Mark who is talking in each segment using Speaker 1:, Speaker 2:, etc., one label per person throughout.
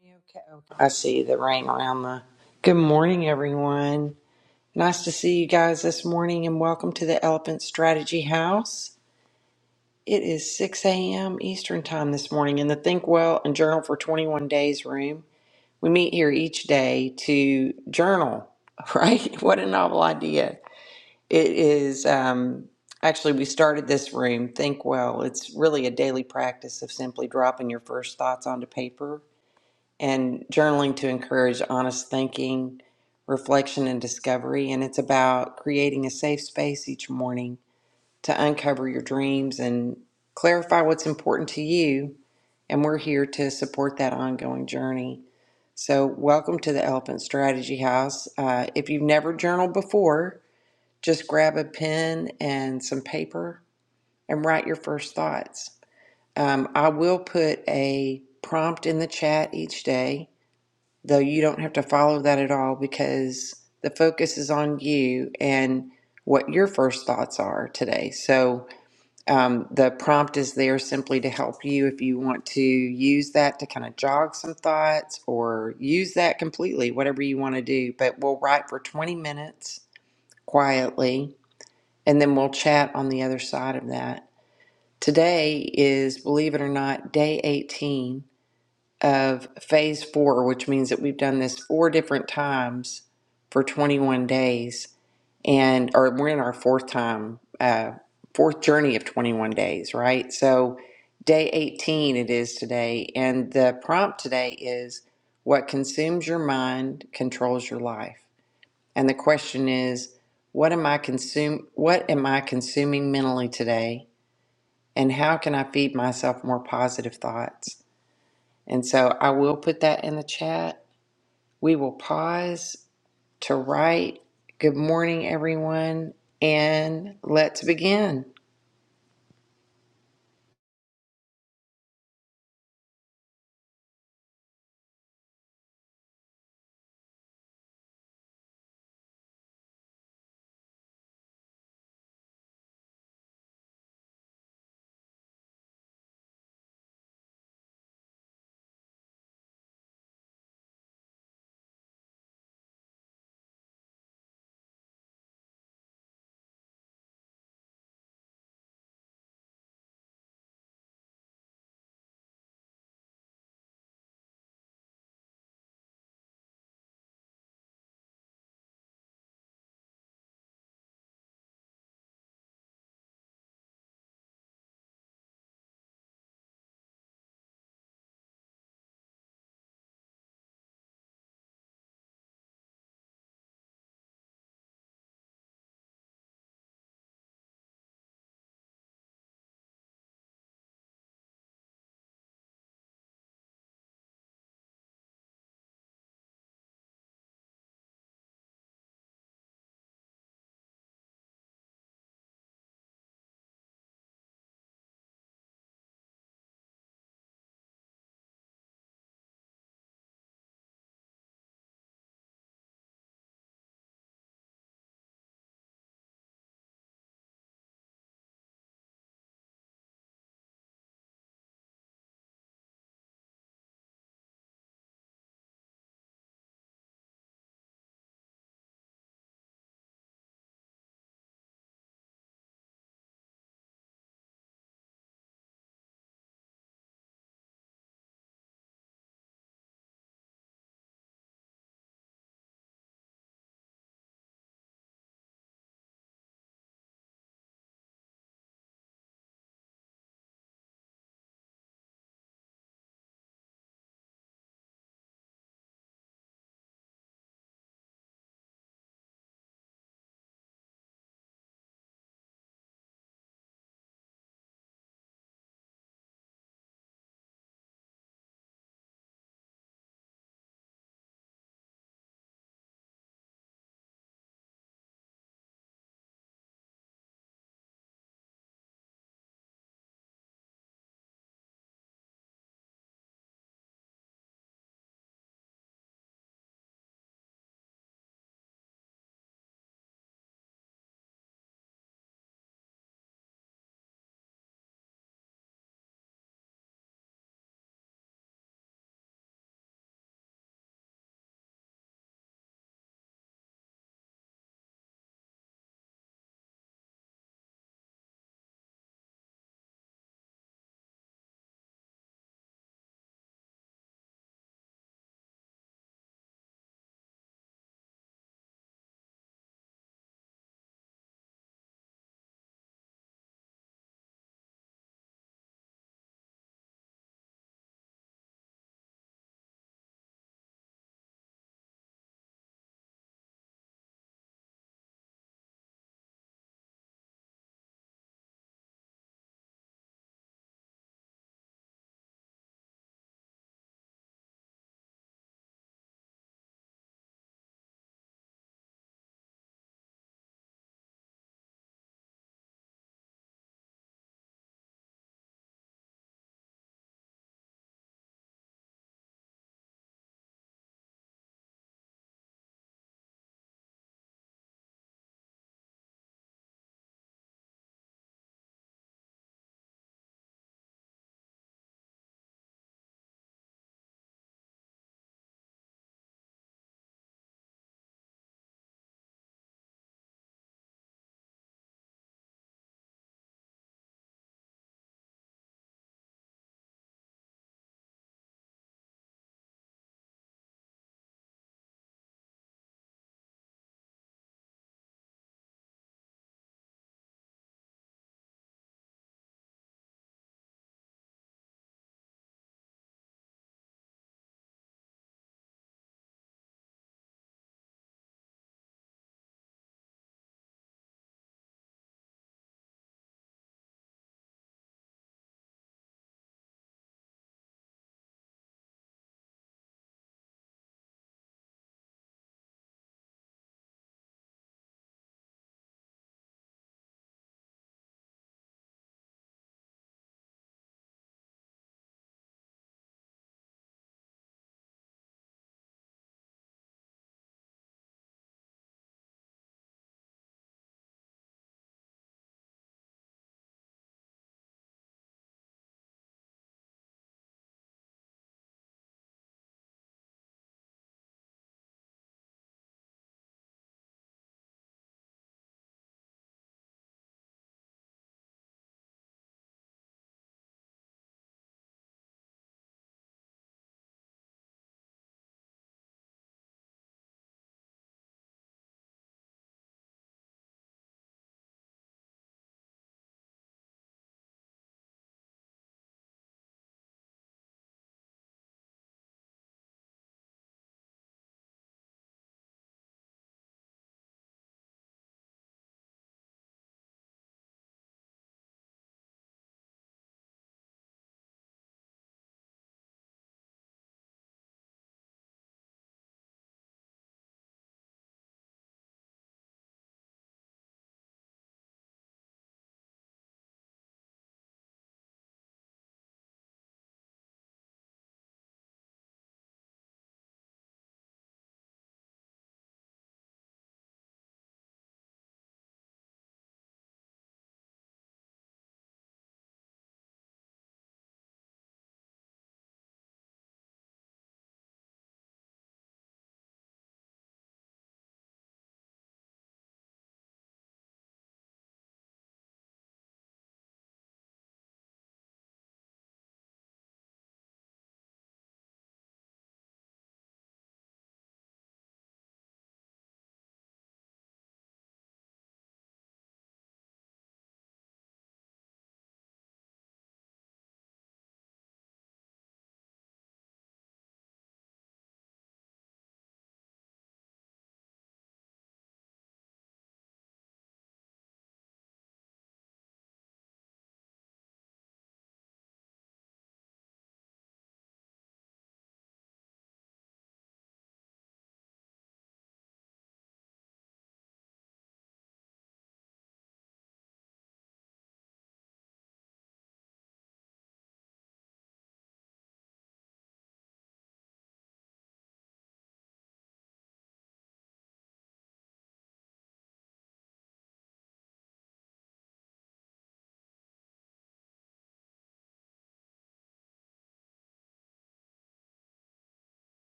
Speaker 1: Okay, okay. I see the ring around the. Good morning, everyone. Nice to see you guys this morning, and welcome to the Elephant Strategy House. It is 6 a.m. Eastern Time this morning in the Think Well and Journal for 21 Days room. We meet here each day to journal, right? What a novel idea. It is um, actually, we started this room, Think Well. It's really a daily practice of simply dropping your first thoughts onto paper and journaling to encourage honest thinking, reflection, and discovery. And it's about creating a safe space each morning to uncover your dreams and clarify what's important to you. And we're here to support that ongoing journey. So, welcome to the Elephant Strategy House. Uh, if you've never journaled before, just grab a pen and some paper and write your first thoughts. Um, I will put a prompt in the chat each day though you don't have to follow that at all because the focus is on you and what your first thoughts are today. So um, the prompt is there simply to help you if you want to use that to kind of jog some thoughts or use that completely, whatever you want to do. But we'll write for 20 minutes quietly and then we'll chat on the other side of that. Today is, believe it or not, day 18 of phase four, which means that we've done this four different times for 21 days, and or we're in our fourth time, uh, fourth journey of 21 days, right? So, day 18 it is today, and the prompt today is what consumes your mind controls your life, and the question is. What am I consume what am I consuming mentally today and how can I feed myself more positive thoughts? And so I will put that in the chat. We will pause to write. Good morning, everyone. And let's begin.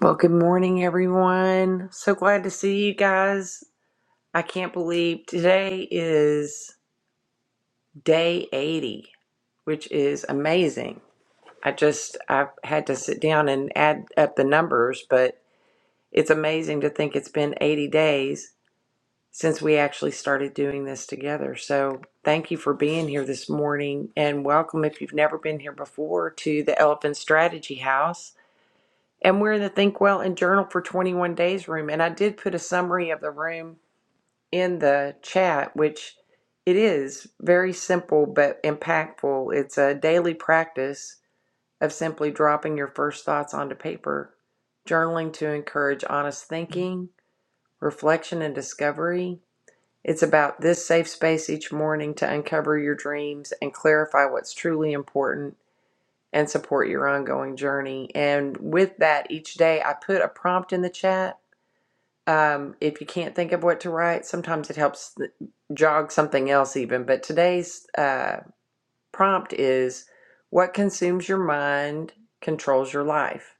Speaker 1: Well, good morning, everyone. So glad to see you guys. I can't believe today is day 80, which is amazing. I just, I've had to sit down and add up the numbers, but it's amazing to think it's been 80 days since we actually started doing this together. So thank you for being here this morning and welcome if you've never been here before to the Elephant Strategy House. And we're in the Think Well and Journal for 21 Days room. And I did put a summary of the room in the chat, which it is very simple but impactful. It's a daily practice of simply dropping your first thoughts onto paper, journaling to encourage honest thinking, reflection, and discovery, it's about this safe space each morning to uncover your dreams and clarify what's truly important and support your ongoing journey. And with that, each day I put a prompt in the chat. Um, if you can't think of what to write, sometimes it helps th- jog something else, even. But today's uh, prompt is What consumes your mind controls your life.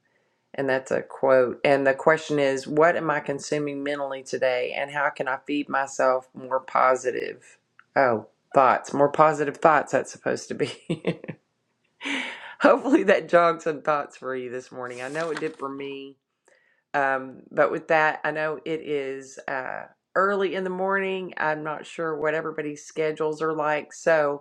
Speaker 1: And that's a quote. And the question is, what am I consuming mentally today? And how can I feed myself more positive? Oh, thoughts, more positive thoughts, that's supposed to be. Hopefully that jogged some thoughts for you this morning. I know it did for me. Um, but with that, I know it is uh, early in the morning. I'm not sure what everybody's schedules are like. So,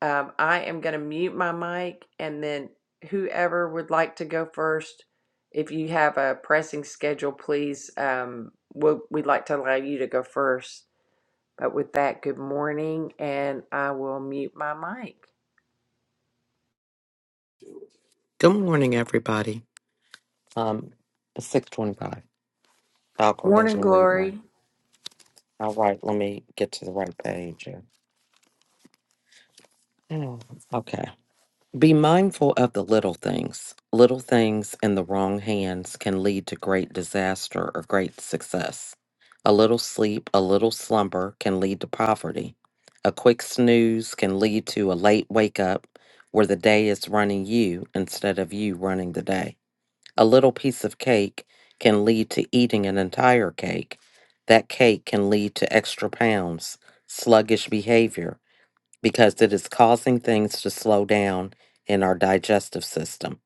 Speaker 1: um, I am going to mute my mic and then whoever would like to go first, if you have a pressing schedule, please, um, we'll, we'd like to allow you to go first. But with that, good morning, and I will mute my mic.
Speaker 2: Good morning, everybody. Um, it's six twenty-five. I'll go ahead
Speaker 1: Morning,
Speaker 2: and read mine.
Speaker 1: Glory.
Speaker 2: All right, let me get to the right page. here. Oh, Okay. Be mindful of the little things. Little things in the wrong hands can lead to great disaster or great success. A little sleep, a little slumber can lead to poverty. A quick snooze can lead to a late wake up where the day is running you instead of you running the day. A little piece of cake can lead to eating an entire cake. That cake can lead to extra pounds, sluggish behavior, because it is causing things to slow down in our digestive system.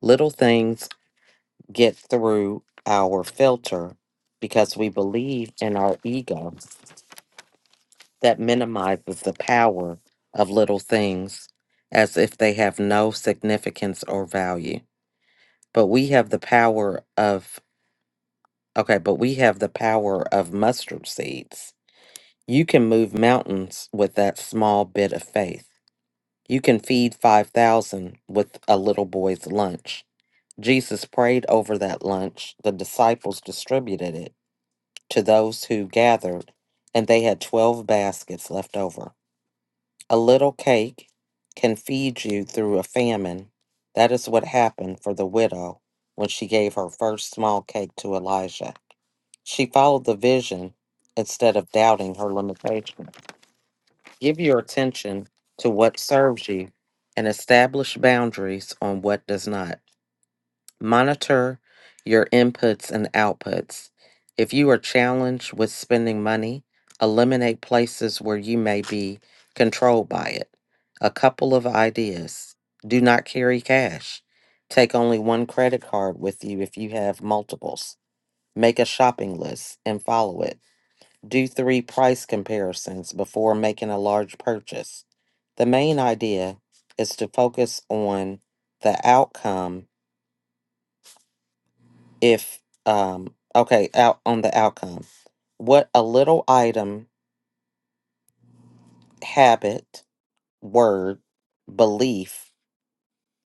Speaker 2: Little things get through our filter because we believe in our ego that minimizes the power of little things as if they have no significance or value. But we have the power of Okay, but we have the power of mustard seeds. You can move mountains with that small bit of faith. You can feed 5,000 with a little boy's lunch. Jesus prayed over that lunch. The disciples distributed it to those who gathered, and they had 12 baskets left over. A little cake can feed you through a famine. That is what happened for the widow when she gave her first small cake to Elijah. She followed the vision instead of doubting her limitation. Give your attention to what serves you and establish boundaries on what does not. Monitor your inputs and outputs. If you are challenged with spending money, eliminate places where you may be controlled by it. A couple of ideas. Do not carry cash. Take only one credit card with you if you have multiples. Make a shopping list and follow it. Do three price comparisons before making a large purchase. The main idea is to focus on the outcome if um okay out on the outcome what a little item habit word belief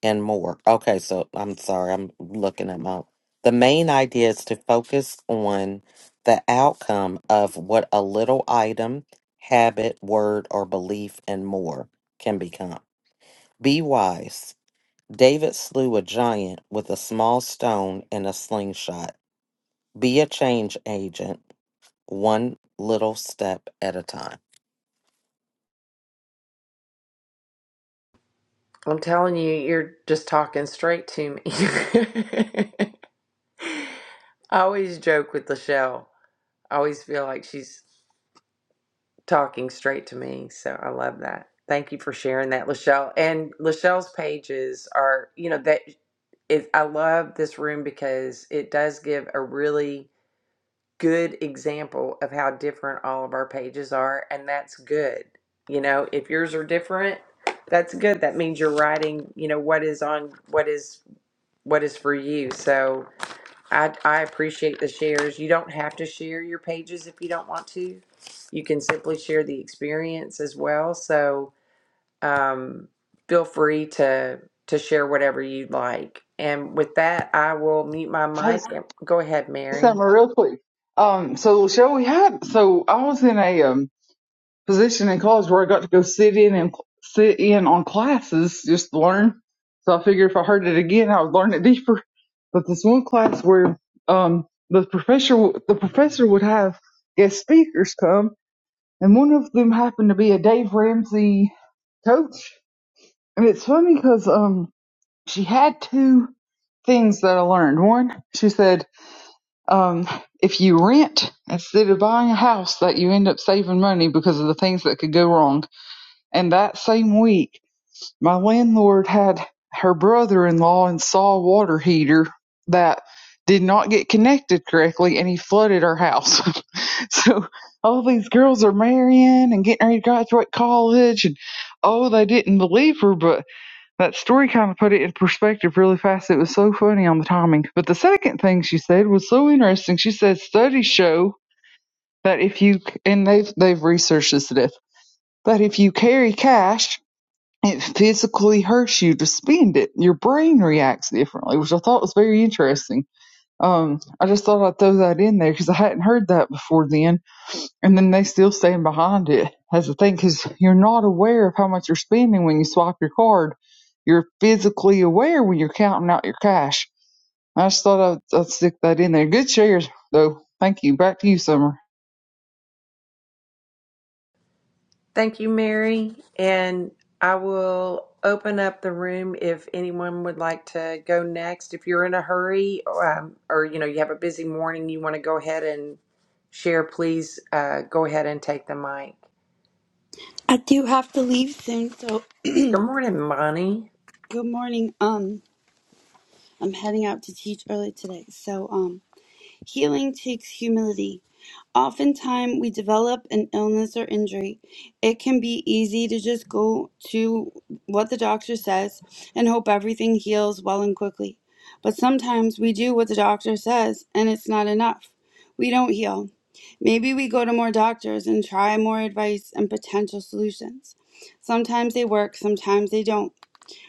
Speaker 2: and more okay so i'm sorry i'm looking at my the main idea is to focus on the outcome of what a little item habit word or belief and more can become be wise david slew a giant with a small stone and a slingshot be a change agent one little step at a time.
Speaker 1: I'm telling you, you're just talking straight to me. I always joke with Lachelle. I always feel like she's talking straight to me. So I love that. Thank you for sharing that, Lachelle. And Lachelle's pages are, you know, that is, I love this room because it does give a really good example of how different all of our pages are. And that's good. You know, if yours are different, that's good. That means you're writing, you know, what is on, what is, what is for you. So, I, I appreciate the shares. You don't have to share your pages if you don't want to. You can simply share the experience as well. So um, feel free to to share whatever you'd like. And with that, I will mute my
Speaker 3: Hey,
Speaker 1: mic. Go ahead,
Speaker 3: say
Speaker 1: Mary.
Speaker 3: something real quick. Um, so Cheryl, we had so I was in a um position in college where I got to go sit in and cl- sit in on classes, just learn. So I figured if I heard it again, I would learn it deeper. But this one class where um the professor w- the professor would have guest speakers come, and one of them happened to be a Dave Ramsey coach. And it's funny because um she had two things that I learned. One, she said. um, if you rent instead of buying a house that you end up saving money because of the things that could go wrong. And that same week, my landlord had her brother-in-law install a water heater that did not get connected correctly and he flooded our house. so all these girls are marrying and getting ready to graduate college and oh they didn't believe her but that story kind of put it in perspective really fast. It was so funny on the timing. But the second thing she said was so interesting. She said studies show that if you and they've they've researched this to death that if you carry cash, it physically hurts you to spend it. Your brain reacts differently, which I thought was very interesting. Um, I just thought I'd throw that in there because I hadn't heard that before then and then they still stand behind it. That's the thing, because you're not aware of how much you're spending when you swipe your card. You're physically aware when you're counting out your cash. I just thought I'd, I'd stick that in there. Good shares, though. Thank you. Back to you, Summer.
Speaker 1: Thank you, Mary. And I will open up the room if anyone would like to go next. If you're in a hurry um, or you know you have a busy morning, you want to go ahead and share, please uh, go ahead and take the mic.
Speaker 4: I do have to leave soon, so good
Speaker 1: Good morning, Bonnie.
Speaker 4: morning. Um, I'm heading out to teach early today, so um, Healing takes humility. Oftentimes, we develop an illness or injury. It can be easy to just go to what the doctor says and hope everything heals well and quickly. But sometimes we do what the doctor says and it's not enough. We don't heal. Maybe we go to more doctors and try more advice and potential solutions. Sometimes they work, sometimes they don't.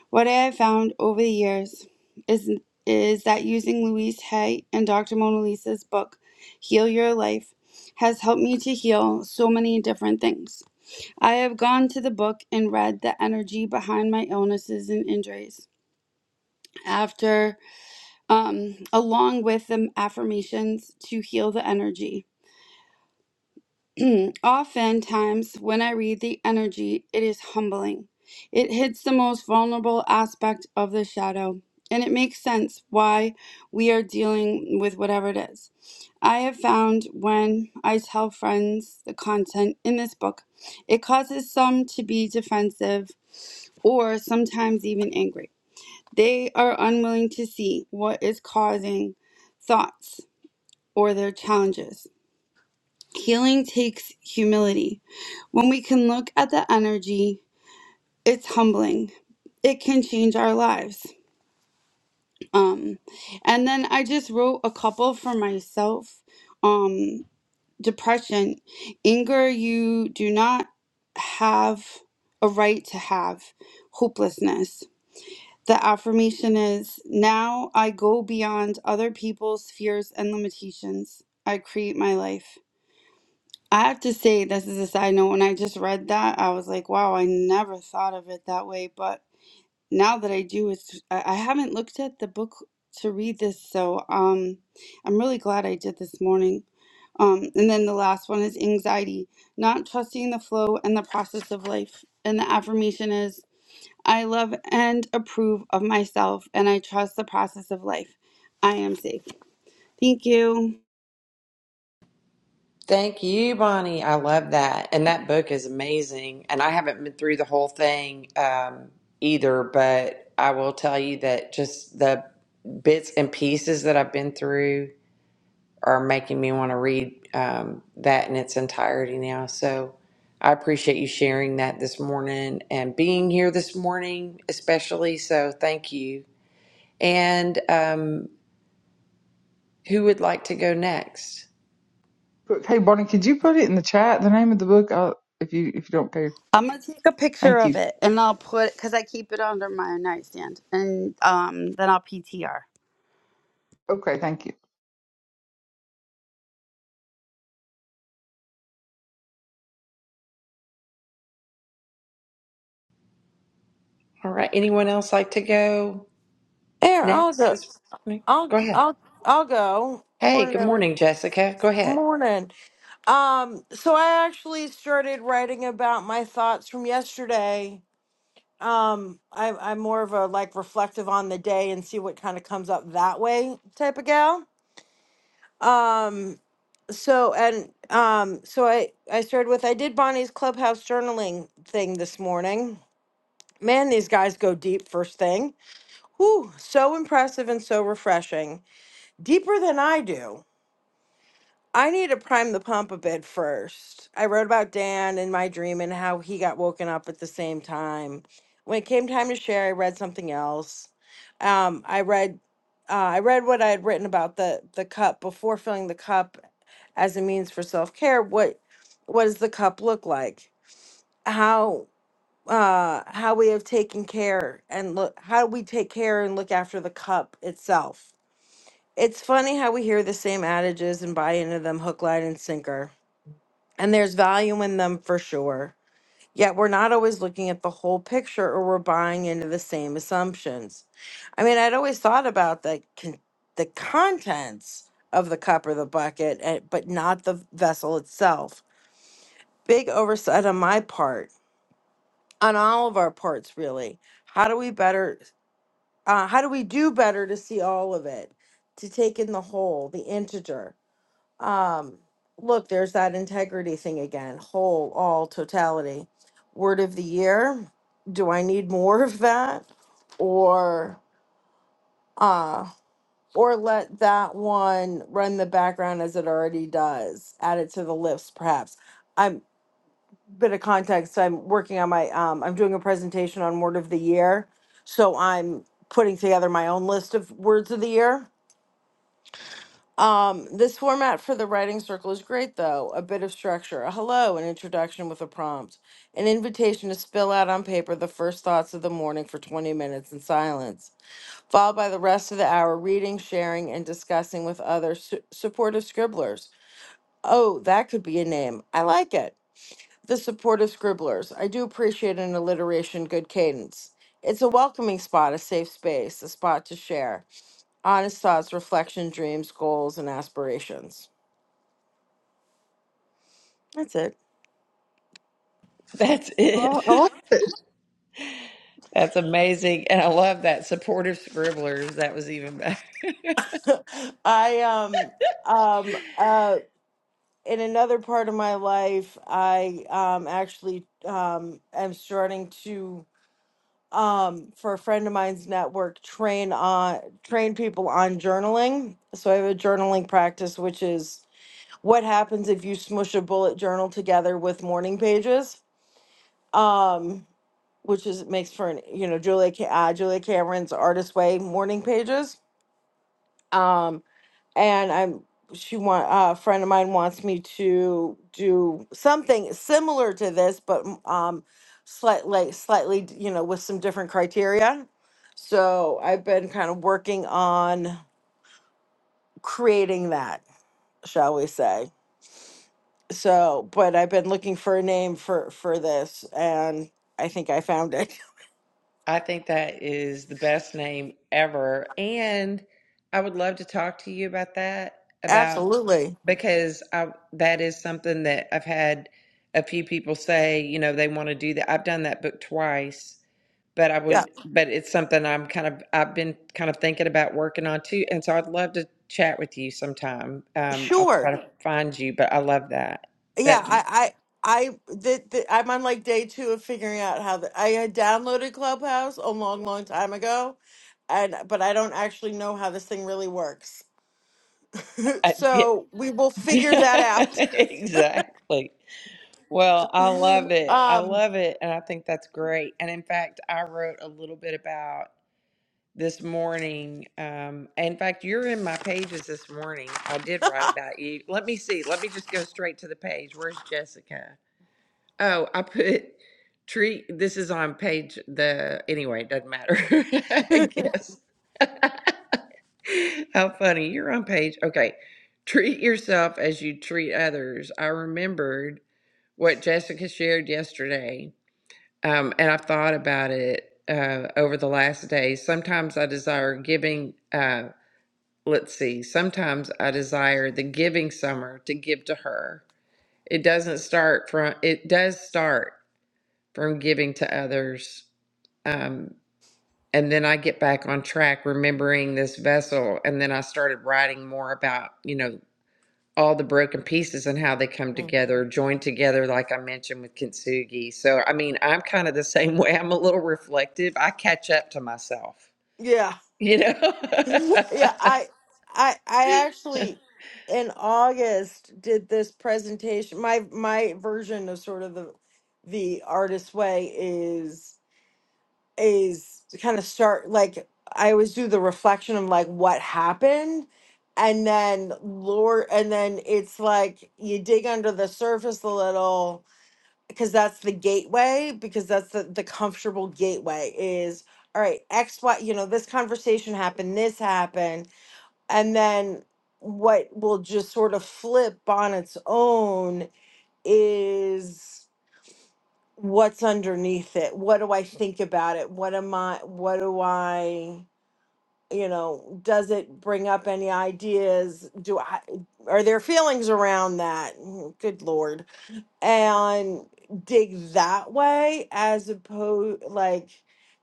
Speaker 4: What I have found over the years is is that using Louise Hay and Dr. Mona Lisa's book, Heal Your Life, has helped me to heal so many different things. I have gone to the book and read the energy behind my illnesses and injuries. After, um, along with the affirmations to heal the energy. Oftentimes, when I read the energy, it is humbling. It hits the most vulnerable aspect of the shadow, and it makes sense why we are dealing with whatever it is. I have found when I tell friends the content in this book, it causes some to be defensive or sometimes even angry. They are unwilling to see what is causing thoughts or their challenges. Healing takes humility. When we can look at the energy, it's humbling. It can change our lives. Um, and then I just wrote a couple for myself. Um, depression, anger you do not have a right to have, hopelessness. The affirmation is now I go beyond other people's fears and limitations. I create my life. I have to say, this is a side note. When I just read that, I was like, wow, I never thought of it that way. But now that I do, it's I I haven't looked at the book to read this, so um, I'm really glad I did this morning. Um, and then the last one is anxiety, not trusting the flow and the process of life. And the affirmation is, I love and approve of myself, and I trust the process of life. I am safe. Thank you.
Speaker 1: Thank you, Bonnie. I love that. And that book is amazing. And I haven't been through the whole thing um, either, but I will tell you that just the bits and pieces that I've been through are making me want to read um, that in its entirety now. So I appreciate you sharing that this morning and being here this morning, especially. So thank you. And um, who would like to go next?
Speaker 3: Hey, Bonnie, could you put it in the chat, the name of the book, uh, if you if you don't care?
Speaker 4: I'm gonna take a picture
Speaker 3: Thank
Speaker 4: of
Speaker 3: you.
Speaker 4: it and I'll put because I keep it under my nightstand and um then I'll PTR.
Speaker 3: Okay, thank you.
Speaker 1: All right. Anyone else like to go
Speaker 5: There, I'll
Speaker 1: next
Speaker 5: go.
Speaker 1: this morning? Go
Speaker 5: I'll
Speaker 1: ahead.
Speaker 5: I'll I'll go.
Speaker 1: Hey,
Speaker 5: Morning,
Speaker 1: good
Speaker 5: every
Speaker 1: morning, Jessica. Go ahead.
Speaker 5: morning. Um, so I actually started writing about my thoughts from yesterday. Um, I, I'm more of a like reflective on the day and see what kind of comes up that way type of gal. Um, so and um, so I I started with I did Bonnie's clubhouse journaling thing this morning. Man, these guys go deep first thing. Whew, so impressive and so refreshing deeper than I do. I need to prime the pump a bit first. I wrote about Dan in my dream and how he got woken up at the same time. When it came time to share, I read something else. Um, I read, uh, I read what I had written about the the cup before filling the cup as a means for self care. What what does the cup look like? How uh, how we have taken care and look how we take care and look after the cup itself. It's funny how we hear the same adages and buy into them hook, line, and sinker and there's value in them for sure. Yet we're not always looking at the whole picture or we're buying into the same assumptions. I mean, I'd always thought about the con- the contents of the cup or the bucket, and, but not the vessel itself. Big oversight on my part, on all of our parts really. How do we better uh, how do we do better to see all of it, to take in the whole, the integer? um, look, there's that integrity thing again, whole, all, totality. Word of the year. Do I need more of that? Or uh or let that one run the background as it already does. Add it to the list, perhaps. I'm bit of context. I'm working on my um I'm doing a presentation on word of the year. So I'm putting together my own list of words of the year Um, this format for the writing circle is great, though. A bit of structure, a hello, an introduction with a prompt, an invitation to spill out on paper the first thoughts of the morning for 20 minutes in silence, followed by the rest of the hour reading, sharing, and discussing with other su- supportive scribblers. Oh, that could be a name. I like it. The supportive scribblers. I do appreciate an alliteration, good cadence. It's a welcoming spot, a safe space, a spot to share honest thoughts, reflection, dreams, goals, and aspirations. That's it.
Speaker 1: That's it.
Speaker 3: Oh,
Speaker 1: That's amazing. And I love that supportive scribblers. That was even better.
Speaker 5: I um um uh in another part of my life, I um actually um am starting to um for a friend of mine's network train on train people on journaling. So I have a journaling practice which is what happens if you smush a bullet journal together with morning pages. Um which is makes for an you know Julia Ca- uh, Julia Cameron's Artist Way morning pages. Um and I'm she want uh, a friend of mine wants me to do something similar to this, but m- um, slightly, slightly d- you know with some different criteria. So I've been kind of working on creating that, shall we say? So, but I've been looking for a name for for this, and I think I found it.
Speaker 1: I think that is the best name ever. And I would love to talk to you about that, about
Speaker 5: Absolutely,
Speaker 1: because I that is something that I've had a few people say, you know, they want to do that. I've done that book twice, but I
Speaker 5: yeah,
Speaker 1: would, but it's something I'm kind of, I've been kind of thinking about working on too. And so I'd love to chat with you sometime. Um, I'll
Speaker 5: sure.
Speaker 1: try to find you, but I love that.
Speaker 5: yeah
Speaker 1: That's,
Speaker 5: i i i the, the, i'm on like day two of figuring out how the, i had downloaded clubhouse a long long time ago and but i don't actually know how this thing really works
Speaker 1: I, yeah.
Speaker 5: so we will figure that out
Speaker 1: exactly. Well, I love it. I
Speaker 5: um
Speaker 1: love it. And I think that's great. And in fact, I wrote a little bit about this morning. Um, in fact, you're in my pages this morning. I did write about you. Let me see. Let me just go straight to the page. Where's Jessica? Oh, I put treat. This is on page the, anyway, it doesn't matter. I guess. How funny. You're on page. Okay. Treat yourself as you treat others. I remembered what Jessica shared yesterday, um, and I've thought about it uh, over the last days. Sometimes I desire giving, uh, let's see, sometimes I desire the giving summer to give to her. It doesn't start from, it does start from giving to others. Um, and then I get back on track, remembering this vessel. And then I started writing more about, you know, all the broken pieces and how they come
Speaker 5: Mm.
Speaker 1: together, joined together, like I mentioned with Kintsugi. So, I mean, I'm kind of the same way. I'm a little reflective. I catch up to myself,
Speaker 5: yeah
Speaker 1: you know?
Speaker 5: yeah i i i actually in august did this presentation my my version of sort of the the artist way is. is to kind of start like I always do the reflection of like what happened and then lord and then it's like you dig under the surface a little because that's the gateway because that's the, the comfortable gateway is all right x y you know this conversation happened this happened and then what will just sort of flip on its own is what's underneath it what do i think about it what am i what do i you know does it bring up any ideas do i are there feelings around that Mm, good lord and dig that way as opposed like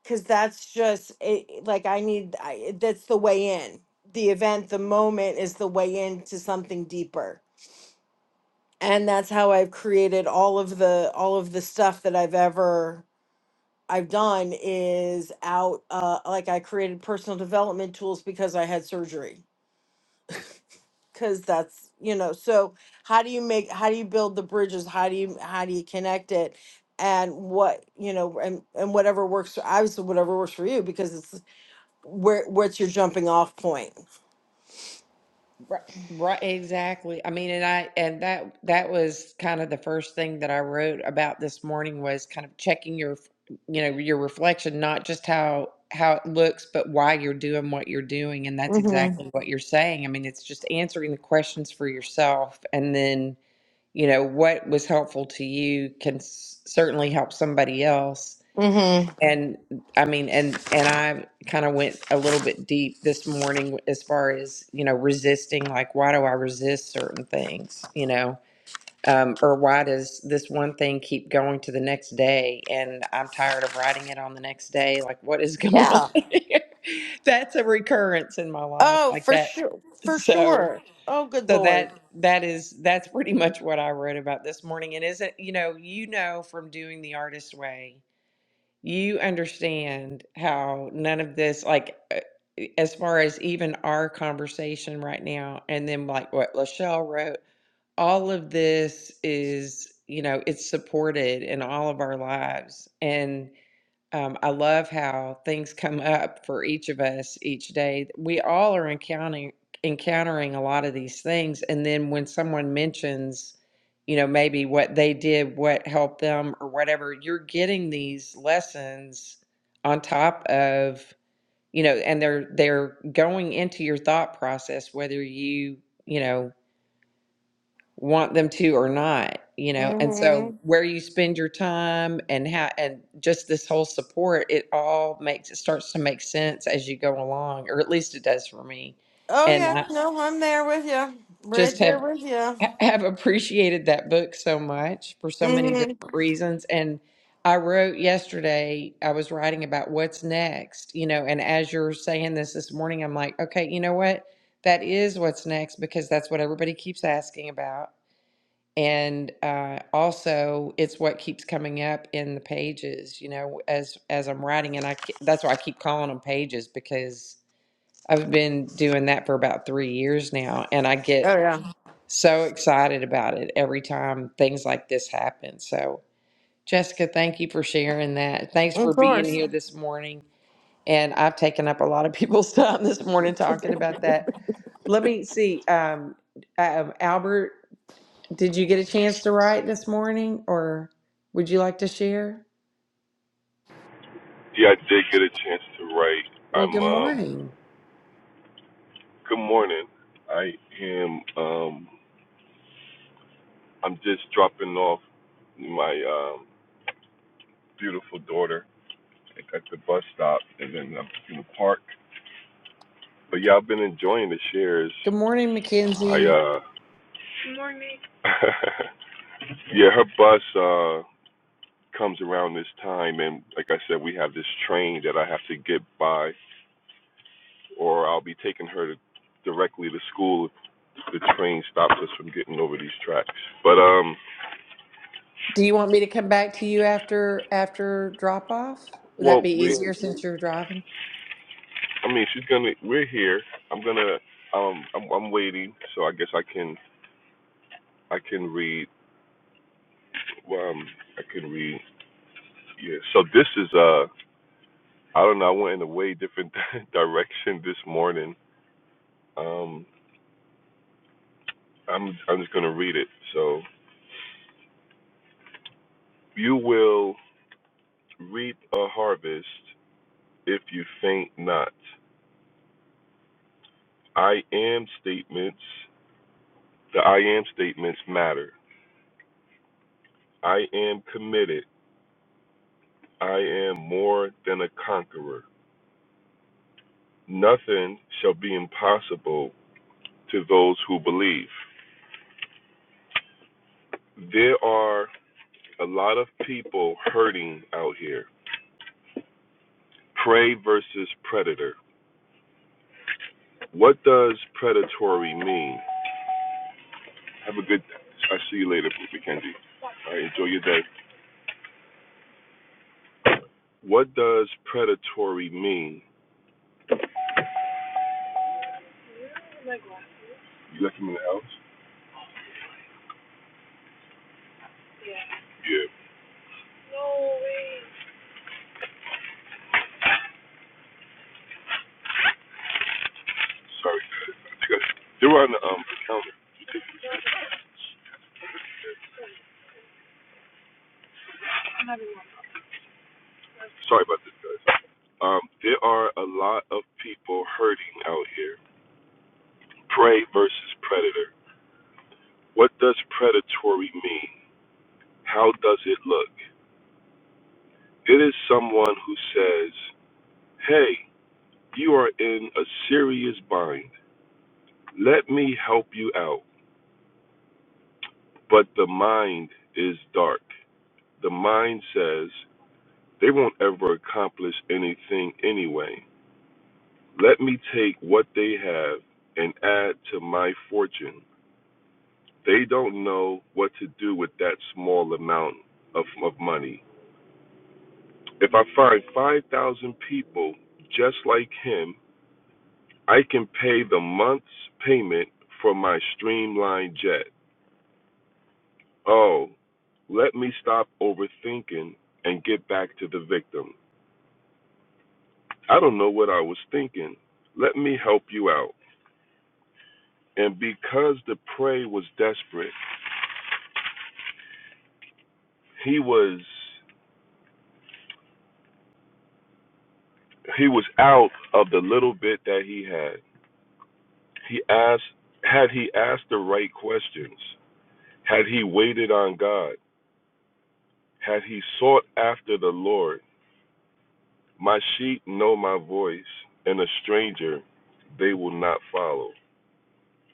Speaker 5: because that's just it, like i need I, that's the way in the event the moment is the way into something deeper and that's how i've created all of the all of the stuff that i've ever I've done is out, uh, like I created personal development tools because I had surgery. Cause that's, you know, so how do you make, how do you build the bridges? How do you, how do you connect it? And what, you know, and, and whatever works, for- obviously whatever works for you, because it's where, what's your jumping off point?
Speaker 1: Right, right, exactly. I mean, and I and that that was kind of the first thing that I wrote about this morning was kind of checking your, you know, your reflection, not just how how it looks, but why you're doing what you're doing, and that's
Speaker 5: hmm
Speaker 1: exactly Mhm. what you're saying. I mean, it's just answering the questions for yourself, and then, you know, what was helpful to you can s- certainly help somebody else
Speaker 5: hmm
Speaker 1: and I mean, and and I kind of went a little bit deep this morning as far as you know resisting. Like, why do I resist certain things? You know, um, or why does this one thing keep going to the next day? And I'm tired of writing it on the next day. Like, what is going on
Speaker 5: Yeah.
Speaker 1: here? That's a recurrence in my life,
Speaker 5: Oh,
Speaker 1: like
Speaker 5: for
Speaker 1: that.
Speaker 5: sure. For
Speaker 1: So,
Speaker 5: sure. Oh, good
Speaker 1: so
Speaker 5: Lord.
Speaker 1: that that is that's pretty much what I wrote about this morning. And isn't you know you know from doing the artist way you understand how none of this like uh, e, as far as even our conversation right now and then like what lachelle wrote all of this is you know it's supported in all of our lives and um, I love how things come up for each of us each day. We all are encountering encountering a lot of these things, and then when someone mentions, you know, maybe what they did, what helped them, or whatever, you're getting these lessons on top of, you know, and they're they're going into your thought process, whether you, you know want them to or not you know and
Speaker 5: hmm
Speaker 1: so where you spend your time and how and just this whole support it all makes it starts to make sense as you go along or at least it does for me
Speaker 5: Oh
Speaker 1: and
Speaker 5: yeah.
Speaker 1: i
Speaker 5: No, I'm there with you.
Speaker 1: just
Speaker 5: Right there
Speaker 1: have
Speaker 5: with you.
Speaker 1: have appreciated that book so much for so many
Speaker 5: hmm
Speaker 1: different reasons and i wrote yesterday i was writing about what's next you know and as you're saying this this morning i'm like okay you know what that is what's next because that's what everybody keeps asking about and uh, also it's what keeps coming up in the pages you know as as i'm writing and i ke- that's why i keep calling them pages because i've been doing that for about three years now and i
Speaker 5: Oh
Speaker 1: get
Speaker 5: yeah.
Speaker 1: so excited about it every time things like this happen so jessica thank you for sharing that thanks for
Speaker 5: Of
Speaker 1: being
Speaker 5: course.
Speaker 1: here this morning and i've taken up a lot of people's time this morning talking about that let me see um, um, albert did you get a chance to write this morning or would you like to share?
Speaker 6: Yeah, I did get a chance to write.
Speaker 1: Well,
Speaker 6: I'm
Speaker 1: good
Speaker 6: um
Speaker 1: morning.
Speaker 6: good morning. I am um I'm just dropping off my um beautiful daughter at the bus stop and then I'm in the park. But yeah, I've been enjoying the shares.
Speaker 1: Good morning,
Speaker 6: I
Speaker 1: Mackenzie.
Speaker 6: uh Good morning. yeah, her bus uh comes around this time and like I said we have this train that I have to get by or I'll be taking her to, directly to school the train stops us from getting over these tracks. But um,
Speaker 1: Do you want me to come back to you after after drop off? Would that
Speaker 6: well,
Speaker 1: be
Speaker 6: we,
Speaker 1: easier since you're driving?
Speaker 6: I mean, she's gonna, we're here. I'm gonna, um, I'm, I'm waiting, so I guess I can, I can read. Well, um, I can read. Yeah. So this is uh, I don't know. I went in a way different direction this morning. Um, I'm, I'm just gonna read it. So you will reap a harvest if you faint not. I am statements. The I am statements matter I am committed. I am more than a conqueror. Nothing shall be impossible to those who believe. There are a lot of people hurting out here. Prey versus predator. What does predatory mean? Have a good I see you later, Mr. Kendi. All right, enjoy your day. What does predatory mean? You left him in the house? Yeah. Sorry, I think I- they were on the um, counter. Sorry about this, guys. Um, there are a lot of people hurting out here. Prey versus predator. What does predatory mean? How does it look? It is someone who says, Hey, you are in a serious bind. Let me help you out. But the mind is dark. The mind says, They won't ever accomplish anything anyway. Let me take what they have and add to my fortune They don't know what to do with that small amount of, of money. If I find 5,000 people just like him, I can pay the month's payment for my streamlined jet. Oh, let me stop overthinking and get back to the victim. I don't know what I was thinking. Let me help you out. And because the prey was desperate, he was he was out of the little bit that he had. He asked, had he asked the right questions, had he waited on God, had he sought after the Lord, my sheep know my voice, and a stranger they will not follow.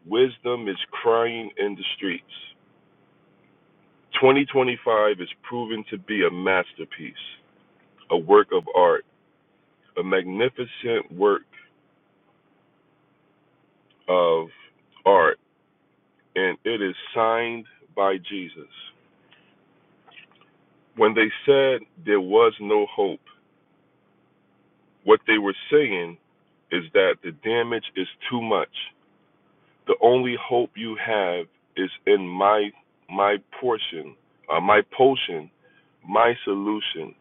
Speaker 6: Wisdom is crying in the streets. 2025 is proven to be a masterpiece, a work of art, a magnificent work of art, and it is signed by Jesus. When they said there was no hope, What they were saying is that the damage is too much. The only hope you have is in my my portion, uh, my potion, my solution.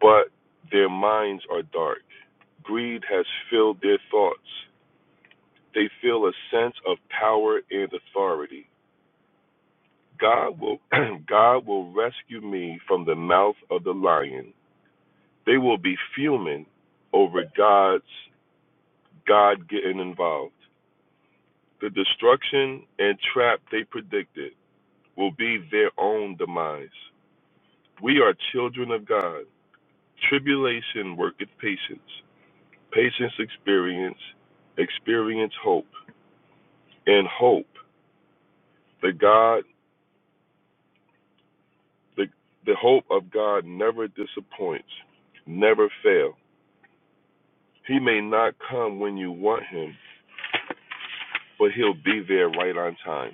Speaker 6: But their minds are dark. Greed has filled their thoughts. They feel a sense of power and authority. God will God will rescue me from the mouth of the lion. They will be fuming over God's God getting involved. The destruction and trap they predicted will be their own demise. We are children of God. Tribulation worketh patience. Patience experience, experience hope. And hope, the God, the, the hope of God never disappoints, never fail. He may not come when you want him, but he'll be there right on time.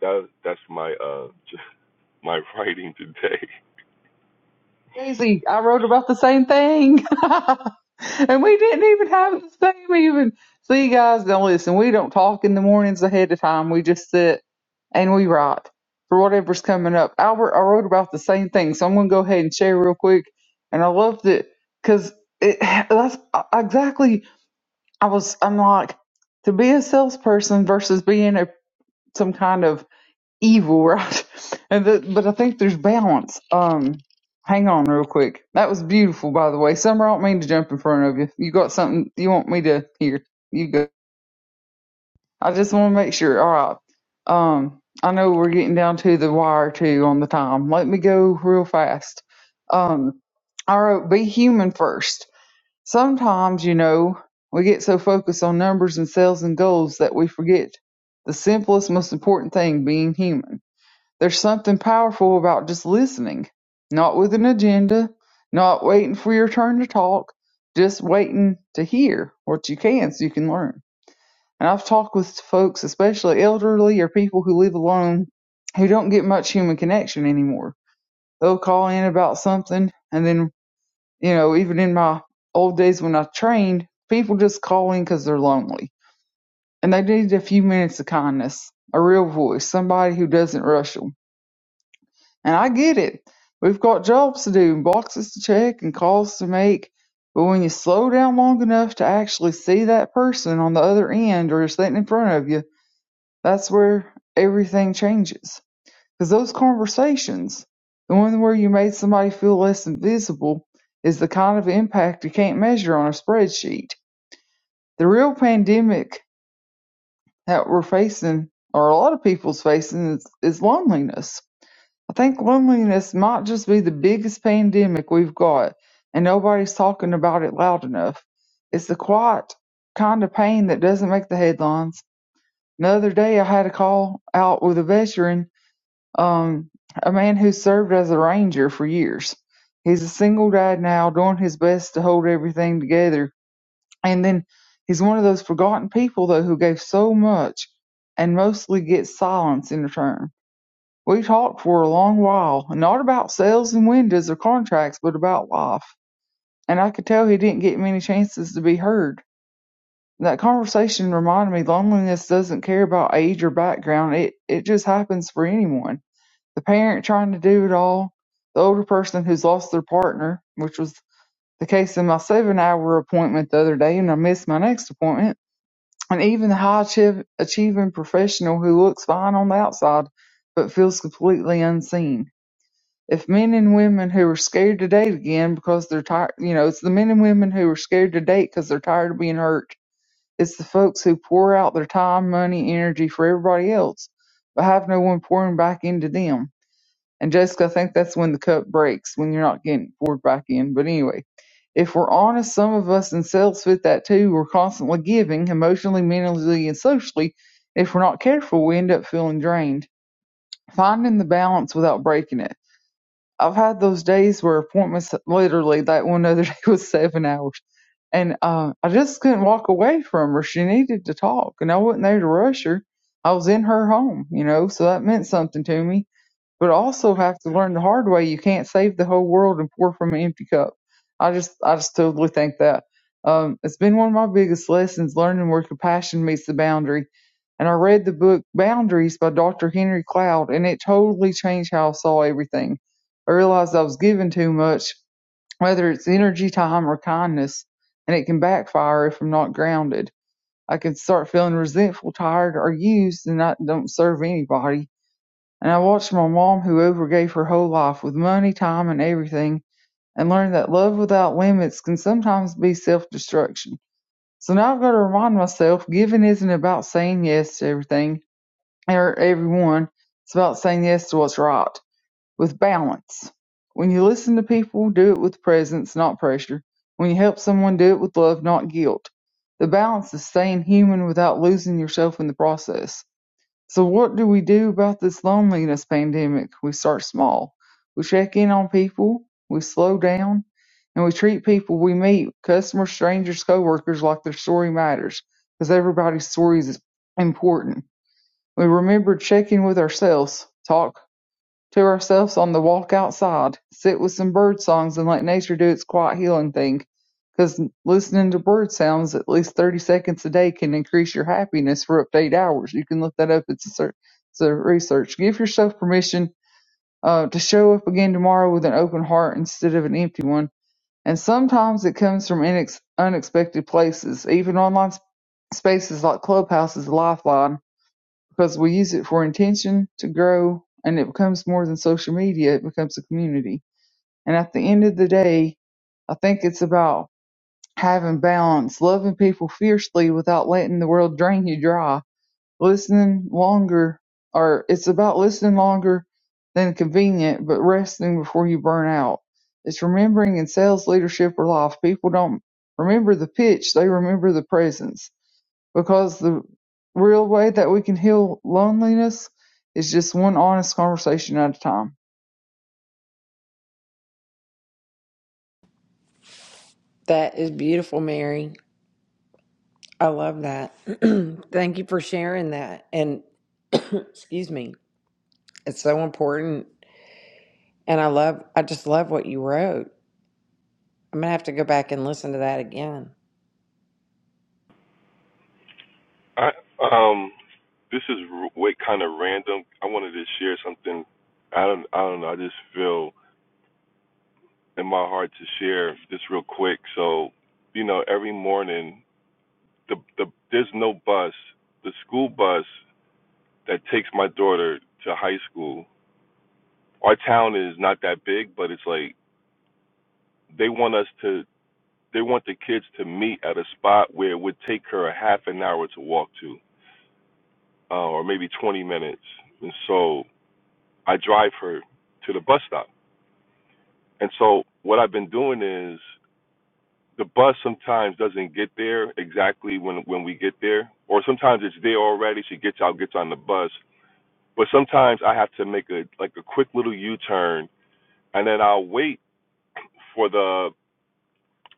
Speaker 6: That that's my uh my writing today.
Speaker 3: Daisy, I wrote about the same thing. and we didn't even have the same even. see, guys don't listen. We don't talk in the mornings ahead of time. We just sit and we write for whatever's coming up. Albert, I wrote about the same thing. So I'm going to go ahead and share real quick. And I loved it because it, that's exactly, I was, I'm like, to be a salesperson versus being a, some kind of evil, right? And that, but I think there's balance. Um, hang on real quick. That was beautiful, by the way. Summer, I don't mean to jump in front of you. You got something you want me to hear? You go. I just want to make sure. All right. Um, I know we're getting down to the wire too on the time. Let me go real fast. Um, I wrote be human first. Sometimes, you know, we get so focused on numbers and sales and goals that we forget the simplest, most important thing being human. There's something powerful about just listening. Not with an agenda, not waiting for your turn to talk, just waiting to hear what you can so you can learn. And I've talked with folks, especially elderly or people who live alone, who don't get much human connection anymore. They'll call in about something, and then, you know, even in my old days when I trained, people just call in because they're lonely. And they need a few minutes of kindness, a real voice, somebody who doesn't rush rush them. And I get it. We've got jobs to do, and boxes to check, and calls to make. But when you slow down long enough to actually see that person on the other end or sitting in front of you, that's where everything changes. Because those conversations, the one where you made somebody feel less invisible, is the kind of impact you can't measure on a spreadsheet. The real pandemic that we're facing, or a lot of people's facing, is, is loneliness I think loneliness might just be the biggest pandemic we've got, and nobody's talking about it loud enough. It's the quiet kind of pain that doesn't make the headlines. Another day, I had a call out with a veteran, um, a man who served as a ranger for years. He's a single dad now, doing his best to hold everything together. And then he's one of those forgotten people, though, who gave so much and mostly gets silence in return. We talked for a long while, not about sales and windows or contracts, but about life, and I could tell he didn't get many chances to be heard. That conversation reminded me loneliness doesn't care about age or background, it, it just happens for anyone. The parent trying to do it all, the older person who's lost their partner, which was the case in my seven hour appointment the other day, and I missed my next appointment, and even the high achieving professional who looks fine on the outside but feels completely unseen if men and women who are scared to date again because they're tired, you know, it's the men and women who are scared to date because they're tired of being hurt. It's the folks who pour out their time, money, energy for everybody else, but have no one pouring back into them. And Jessica, I think that's when the cup breaks, when you're not getting poured back in. But anyway, if we're honest, some of us in sales fit that too. We're constantly giving emotionally, mentally, and socially. If we're not careful, we end up feeling drained. Finding the balance without breaking it. I've had those days where appointments literally that one other day was seven hours. And uh, I just couldn't walk away from her. She needed to talk, and I wasn't there to rush her. I was in her home, you know, so that meant something to me but also have to learn the hard way you can't save the whole world and pour from an empty cup. I just I just totally think that. Um, it's been one of my biggest lessons learning where compassion meets the boundary. And I read the book Boundaries by Dr. Henry Cloud, and it totally changed how I saw everything. I realized I was giving too much, whether it's energy, time, or kindness, and it can backfire if I'm not grounded. I can start feeling resentful, tired, or used, and I don't serve anybody. And I watched my mom, who overgave her whole life with money, time, and everything, and learned that love without limits can sometimes be self destruction. So now I've got to remind myself giving isn't about saying yes to everything or everyone, it's about saying yes to what's right with balance. When you listen to people, do it with presence, not pressure. When you help someone, do it with love, not guilt. The balance is staying human without losing yourself in the process. So what do we do about this loneliness pandemic? We start small. We check in on people, we slow down, and we treat people we meet, customers, strangers, coworkers, like their story matters, because everybody's story is important. We remember checking with ourselves, talk to ourselves on the walk outside, sit with some bird songs and let nature do its quiet healing thing. 'Cause listening to bird sounds at least 30 seconds a day can increase your happiness for up to eight hours. You can look that up. It's a, cer- it's a research. Give yourself permission uh, to show up again tomorrow with an open heart instead of an empty one. And sometimes it comes from inex- unexpected places. Even online s- spaces like Clubhouse is a lifeline because we use it for intention to grow and it becomes more than social media it becomes a community and at the end of the day i think it's about having balance loving people fiercely without letting the world drain you dry listening longer or it's about listening longer than convenient but resting before you burn out it's remembering in sales leadership or life people don't remember the pitch they remember the presence because the real way that we can heal loneliness is just one honest conversation at a time.
Speaker 1: That is beautiful, Mary. I love that. Thank you for sharing that. And excuse me. It's so important. And I love I just love what you wrote. I'm gonna have to go back and listen to that again.
Speaker 6: I um, this is r- way kind of random. I wanted to share something. I don't I don't know. I just feel in my heart to share this real quick. So, you know, every morning the the there's no bus. The school bus that takes my daughter to high school. Our town is not that big, but it's like they want us to. They want the kids to meet at a spot where it would take her a half an hour to walk to, uh, or maybe 20 minutes. And so I drive her to the bus stop. And so what I've been doing is the bus sometimes doesn't get there exactly when when we get there, or sometimes it's there already. She gets out, gets on the bus, but sometimes I have to make a like a quick little U-turn, and then I'll wait for the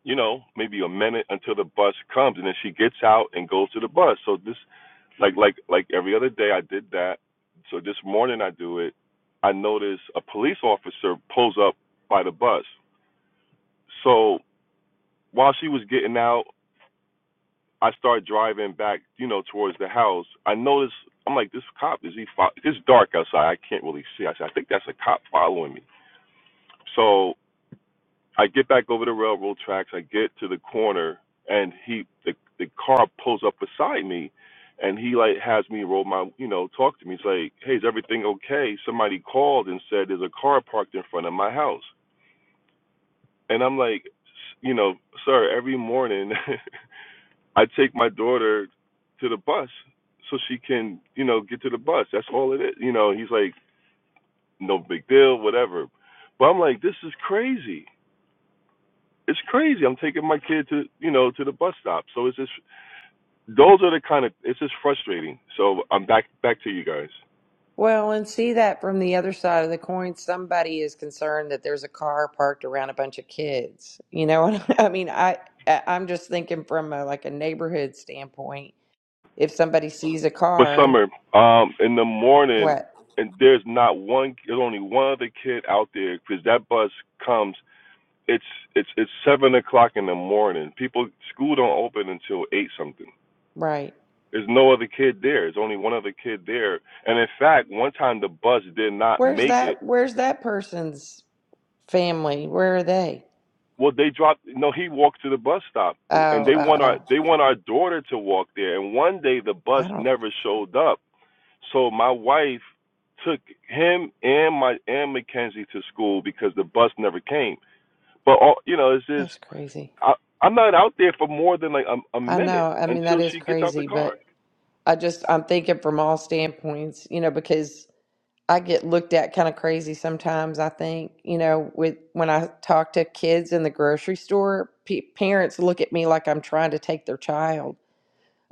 Speaker 6: you know maybe a minute until the bus comes, and then she gets out and goes to the bus. So this like like like every other day I did that. So this morning I do it. I notice a police officer pulls up by the bus So while she was getting out, I started driving back, you know, towards the house. I noticed, I'm like, this cop is he? Fo-? It's dark outside. I can't really see. I said, I think that's a cop following me. So I get back over the railroad tracks. I get to the corner, and he, the the car pulls up beside me, and he like has me roll my, you know, talk to me. He's like, hey, is everything okay? Somebody called and said there's a car parked in front of my house, and I'm like, you know, sir, every morning. I take my daughter to the bus so she can, you know, get to the bus. That's all it is. You know, he's like, no big deal, whatever. But I'm like, this is crazy. It's crazy. I'm taking my kid to, you know, to the bus stop. So it's just those are the kind of it's just frustrating. So I'm back back to you guys.
Speaker 1: Well, and see that from the other side of the coin. Somebody is concerned that there's a car parked around a bunch of kids. You know, what I mean, I I- I'm just thinking from a, like a neighborhood standpoint. If somebody sees a
Speaker 6: But
Speaker 1: car,
Speaker 6: summer, um, in the morning,
Speaker 1: what?
Speaker 6: and there's not one. There's only one other kid out there because that bus comes. It's it's it's seven o'clock in the morning. People school don't open until eight something
Speaker 1: Right.
Speaker 6: There's no other kid there. There's only one other kid there. And in fact, one time the bus did not
Speaker 1: Where's
Speaker 6: make it.
Speaker 1: that? Where's that person's family? Where are they?
Speaker 6: Well, they dropped. No, he walked to the bus stop,
Speaker 1: Oh,
Speaker 6: and they
Speaker 1: oh,
Speaker 6: want our
Speaker 1: oh.
Speaker 6: they want our daughter to walk there. And one day the bus
Speaker 1: I don't.
Speaker 6: never showed up, so my wife took him and my and Mackenzie to school because the bus never came. But all, you know, it's just
Speaker 1: That's crazy.
Speaker 6: I, I'm not out there for more than like a, a
Speaker 1: I
Speaker 6: minute
Speaker 1: know. I mean,
Speaker 6: until
Speaker 1: that is
Speaker 6: she gets out the
Speaker 1: crazy,
Speaker 6: car.
Speaker 1: but I just I'm thinking from all standpoints. You know, because I get looked at kind of crazy sometimes, I think, you know, with when I talk to kids in the grocery store, pe parents look at me like I'm trying to take their child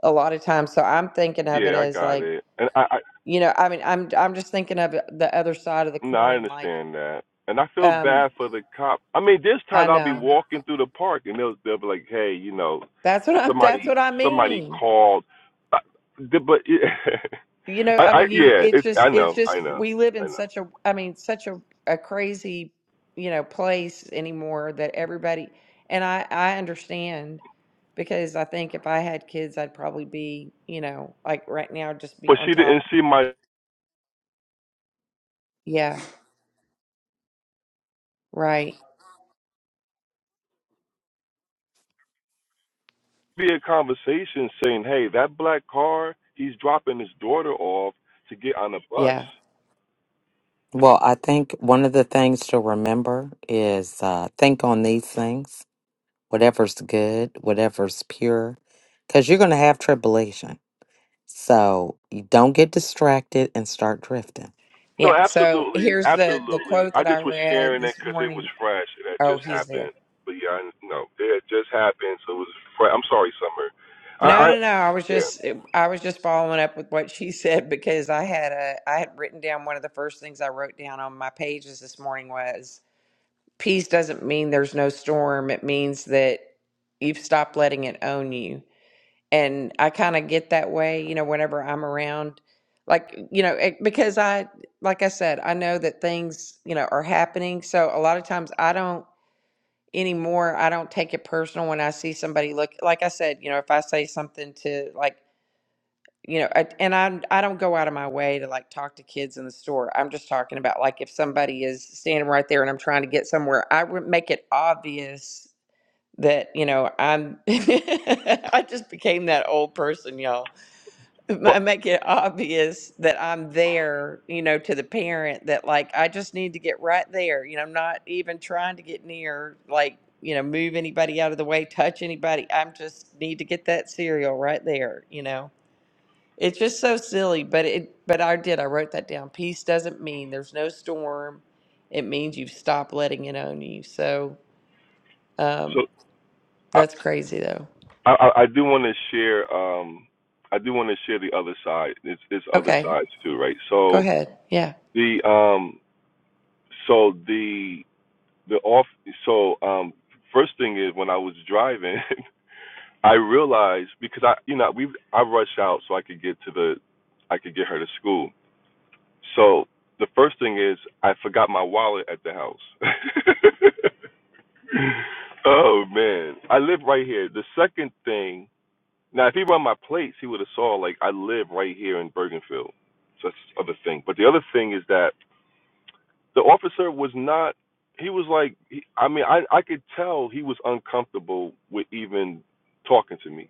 Speaker 1: a lot of times. So I'm thinking of it
Speaker 6: Yeah, I
Speaker 1: as
Speaker 6: got
Speaker 1: like,
Speaker 6: it. And I,
Speaker 1: you know, I mean, I'm I'm just thinking of it- the other side of the
Speaker 6: No, I
Speaker 1: coin like
Speaker 6: understand that, and I feel
Speaker 1: um
Speaker 6: bad for the cop. I mean, this
Speaker 1: I
Speaker 6: time I'll be
Speaker 1: know.
Speaker 6: walking through the park, and they'll they'll be like, "Hey, you know,
Speaker 1: That's what I'm that's
Speaker 6: somebody
Speaker 1: what I
Speaker 6: somebody
Speaker 1: mean.
Speaker 6: called." Uh, the- But yeah,
Speaker 1: You know,
Speaker 6: I,
Speaker 1: I
Speaker 6: I
Speaker 1: mean, you,
Speaker 6: yeah,
Speaker 1: it's
Speaker 6: it's
Speaker 1: just,
Speaker 6: I
Speaker 1: it's
Speaker 6: know,
Speaker 1: just,
Speaker 6: I know,
Speaker 1: we live
Speaker 6: I
Speaker 1: in
Speaker 6: know.
Speaker 1: such a, I mean, such a, a crazy, you know, place anymore that everybody, and I, I understand because I think if I had kids, I'd probably be, you know, like right now, just be
Speaker 6: But
Speaker 1: on
Speaker 6: she didn't
Speaker 1: top.
Speaker 6: see my
Speaker 1: Yeah. Right.
Speaker 6: be a conversation saying, "Hey, that black car, he's dropping his daughter off to get on a bus."
Speaker 1: Yeah.
Speaker 2: Well, I think one of the things to remember is uh, think on these things, whatever's good, whatever's pure, because you're going to have tribulation. So you don't get distracted and start drifting.
Speaker 6: No,
Speaker 1: Yeah. So
Speaker 6: absolutely,
Speaker 1: here's the, the
Speaker 6: absolutely.
Speaker 1: quote
Speaker 6: I
Speaker 1: that I
Speaker 6: just was
Speaker 1: read
Speaker 6: sharing it
Speaker 1: this
Speaker 6: because it was
Speaker 1: morning.
Speaker 6: fresh. It had
Speaker 1: Oh,
Speaker 6: just
Speaker 1: he's there.
Speaker 6: happened. But yeah, I, no, it had just happened, so it was. Fresh. I'm sorry, Summer. I,
Speaker 1: No,
Speaker 6: I,
Speaker 1: no, no. I was
Speaker 6: yeah.
Speaker 1: just I was just following up with what she said because I had a I had written down one of the first things I wrote down on my pages this morning was peace doesn't mean there's no storm. It means that you've stopped letting it own you. And I kind of get that way, you know, whenever I'm around like, you know, it, because I like I said, I know that things, you know, are happening. So a lot of times I don't anymore I don't take it personal when I see somebody look like I said, you know, if I say something to like you know I, and i'm i i do not go out of my way to like talk to kids in the store i'm just talking about like if somebody is standing right there and i'm trying to get somewhere i would make it obvious that you know i'm i just became that old person y'all
Speaker 6: But
Speaker 1: i make it obvious that i'm there you know to the parent that like i just need to get right there you know i'm not even trying to get near like you know move anybody out of the way touch anybody i'm just need to get that cereal right there you know it's just so silly, but it but I did. I wrote that down. Peace doesn't mean there's no storm. It means you've stopped letting it own you. So um
Speaker 6: so I,
Speaker 1: that's crazy though.
Speaker 6: I, I do want to share. Um, I do want to share the other side. It's, it's other
Speaker 1: Okay.
Speaker 6: sides too, right?
Speaker 1: Go
Speaker 6: So
Speaker 1: ahead. Yeah.
Speaker 6: the um, so the the off. So um, first thing is when I was driving. I realized because I, you know, we I rushed out so I could get to the, I could get her to school. So the first thing is I forgot my wallet at the house. oh man, I live right here. The second thing, now if he run my plates, he would have saw like I live right here in Bergenfield. So that's the other thing. But the other thing is that the officer was not. He was like, he, I mean, I I could tell he was uncomfortable with even talking to me,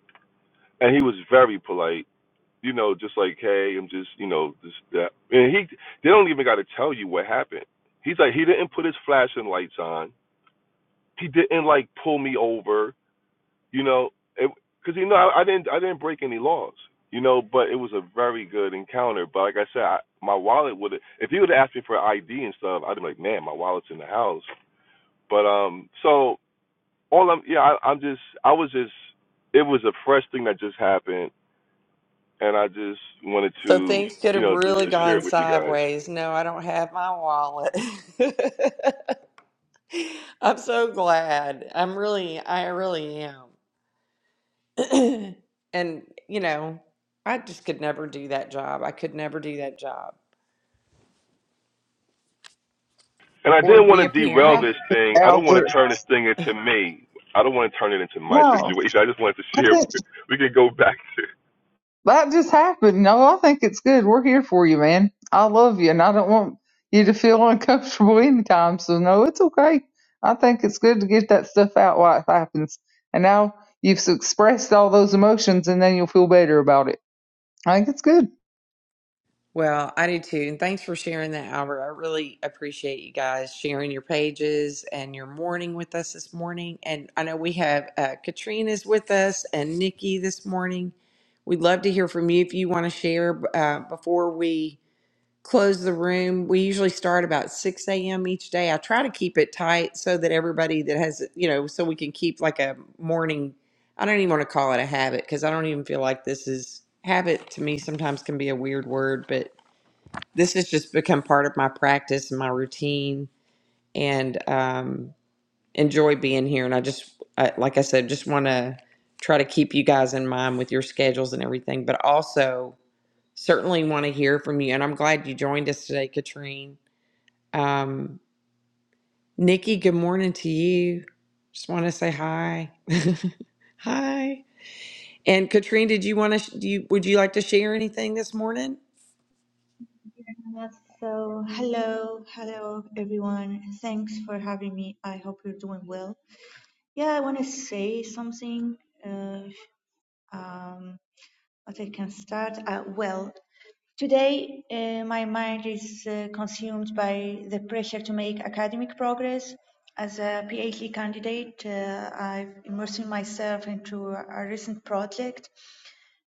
Speaker 6: and he was very polite you know, just like, hey, I'm just, you know, this that, and he, they don't even got to tell you what happened. He's like, he didn't put his flashing lights on. He didn't like pull me over, you know, because you know, I, I didn't, I didn't break any laws, you know, but it was a very good encounter. But like I said, I, my wallet would, have, if he would have asked me for ID and stuff, I'd be like, man, my wallet's in the house. But um, so all I'm, yeah, I, I'm just, I was just, it was a fresh thing that just happened and I just wanted
Speaker 1: So
Speaker 6: to,
Speaker 1: things could
Speaker 6: you
Speaker 1: have
Speaker 6: know, just
Speaker 1: really
Speaker 6: to share
Speaker 1: gone
Speaker 6: it with you guys.
Speaker 1: sideways. No, I don't have my wallet. I'm so glad. I'm really I really am. and you know, I just could never do that job. I could never do that job
Speaker 6: And I
Speaker 1: or
Speaker 6: didn't
Speaker 1: be
Speaker 6: want to
Speaker 1: a
Speaker 6: derail
Speaker 3: happened,
Speaker 1: parent.
Speaker 6: this thing. I don't want to
Speaker 3: Albert.
Speaker 6: turn this thing into me. I don't want to turn it into my
Speaker 3: No,
Speaker 6: situation. I just wanted to
Speaker 3: I
Speaker 6: share.
Speaker 3: think
Speaker 6: We can go back to.
Speaker 3: that just happened. No, I think it's good. We're here for you, man. I love you, and I don't want you to feel uncomfortable anytime. So no, it's okay. I think it's good to get that stuff out while it happens. And now you've expressed all those emotions, and then you'll feel better about it. I think it's good.
Speaker 1: Well, I do too. And thanks for sharing that, Albert. I really appreciate you guys sharing your pages and your morning with us this morning. And I know we have uh, Katrina's with us and Nikki this morning. We'd love to hear from you if you want to share uh, before we. close the room. We usually start about 6 a.m. each day. I try to keep it tight so that everybody that has, you know, so we can keep like a morning, I don't even want to call it a habit because I don't even feel like this is habit to me sometimes can be a weird word, but this has just become part of my practice and my routine and um, enjoy being here. And I just, I, like I said, just want to try to keep you guys in mind with your schedules and everything, but also certainly want to hear from you. And I'm glad you joined us today, Katrine um, Nikki, good morning to you. Just want to say hi. hi. And Katrine, did you want to, sh- do you, would you like to share anything this morning?
Speaker 7: So, hello, hello everyone. Thanks for having me. I hope you're doing well. Yeah, I want to say something. Uh, um, but I can start. Uh, well, today uh, my mind is uh, consumed by the pressure to make academic progress. As a PhD candidate, uh, I've immersed myself into a recent project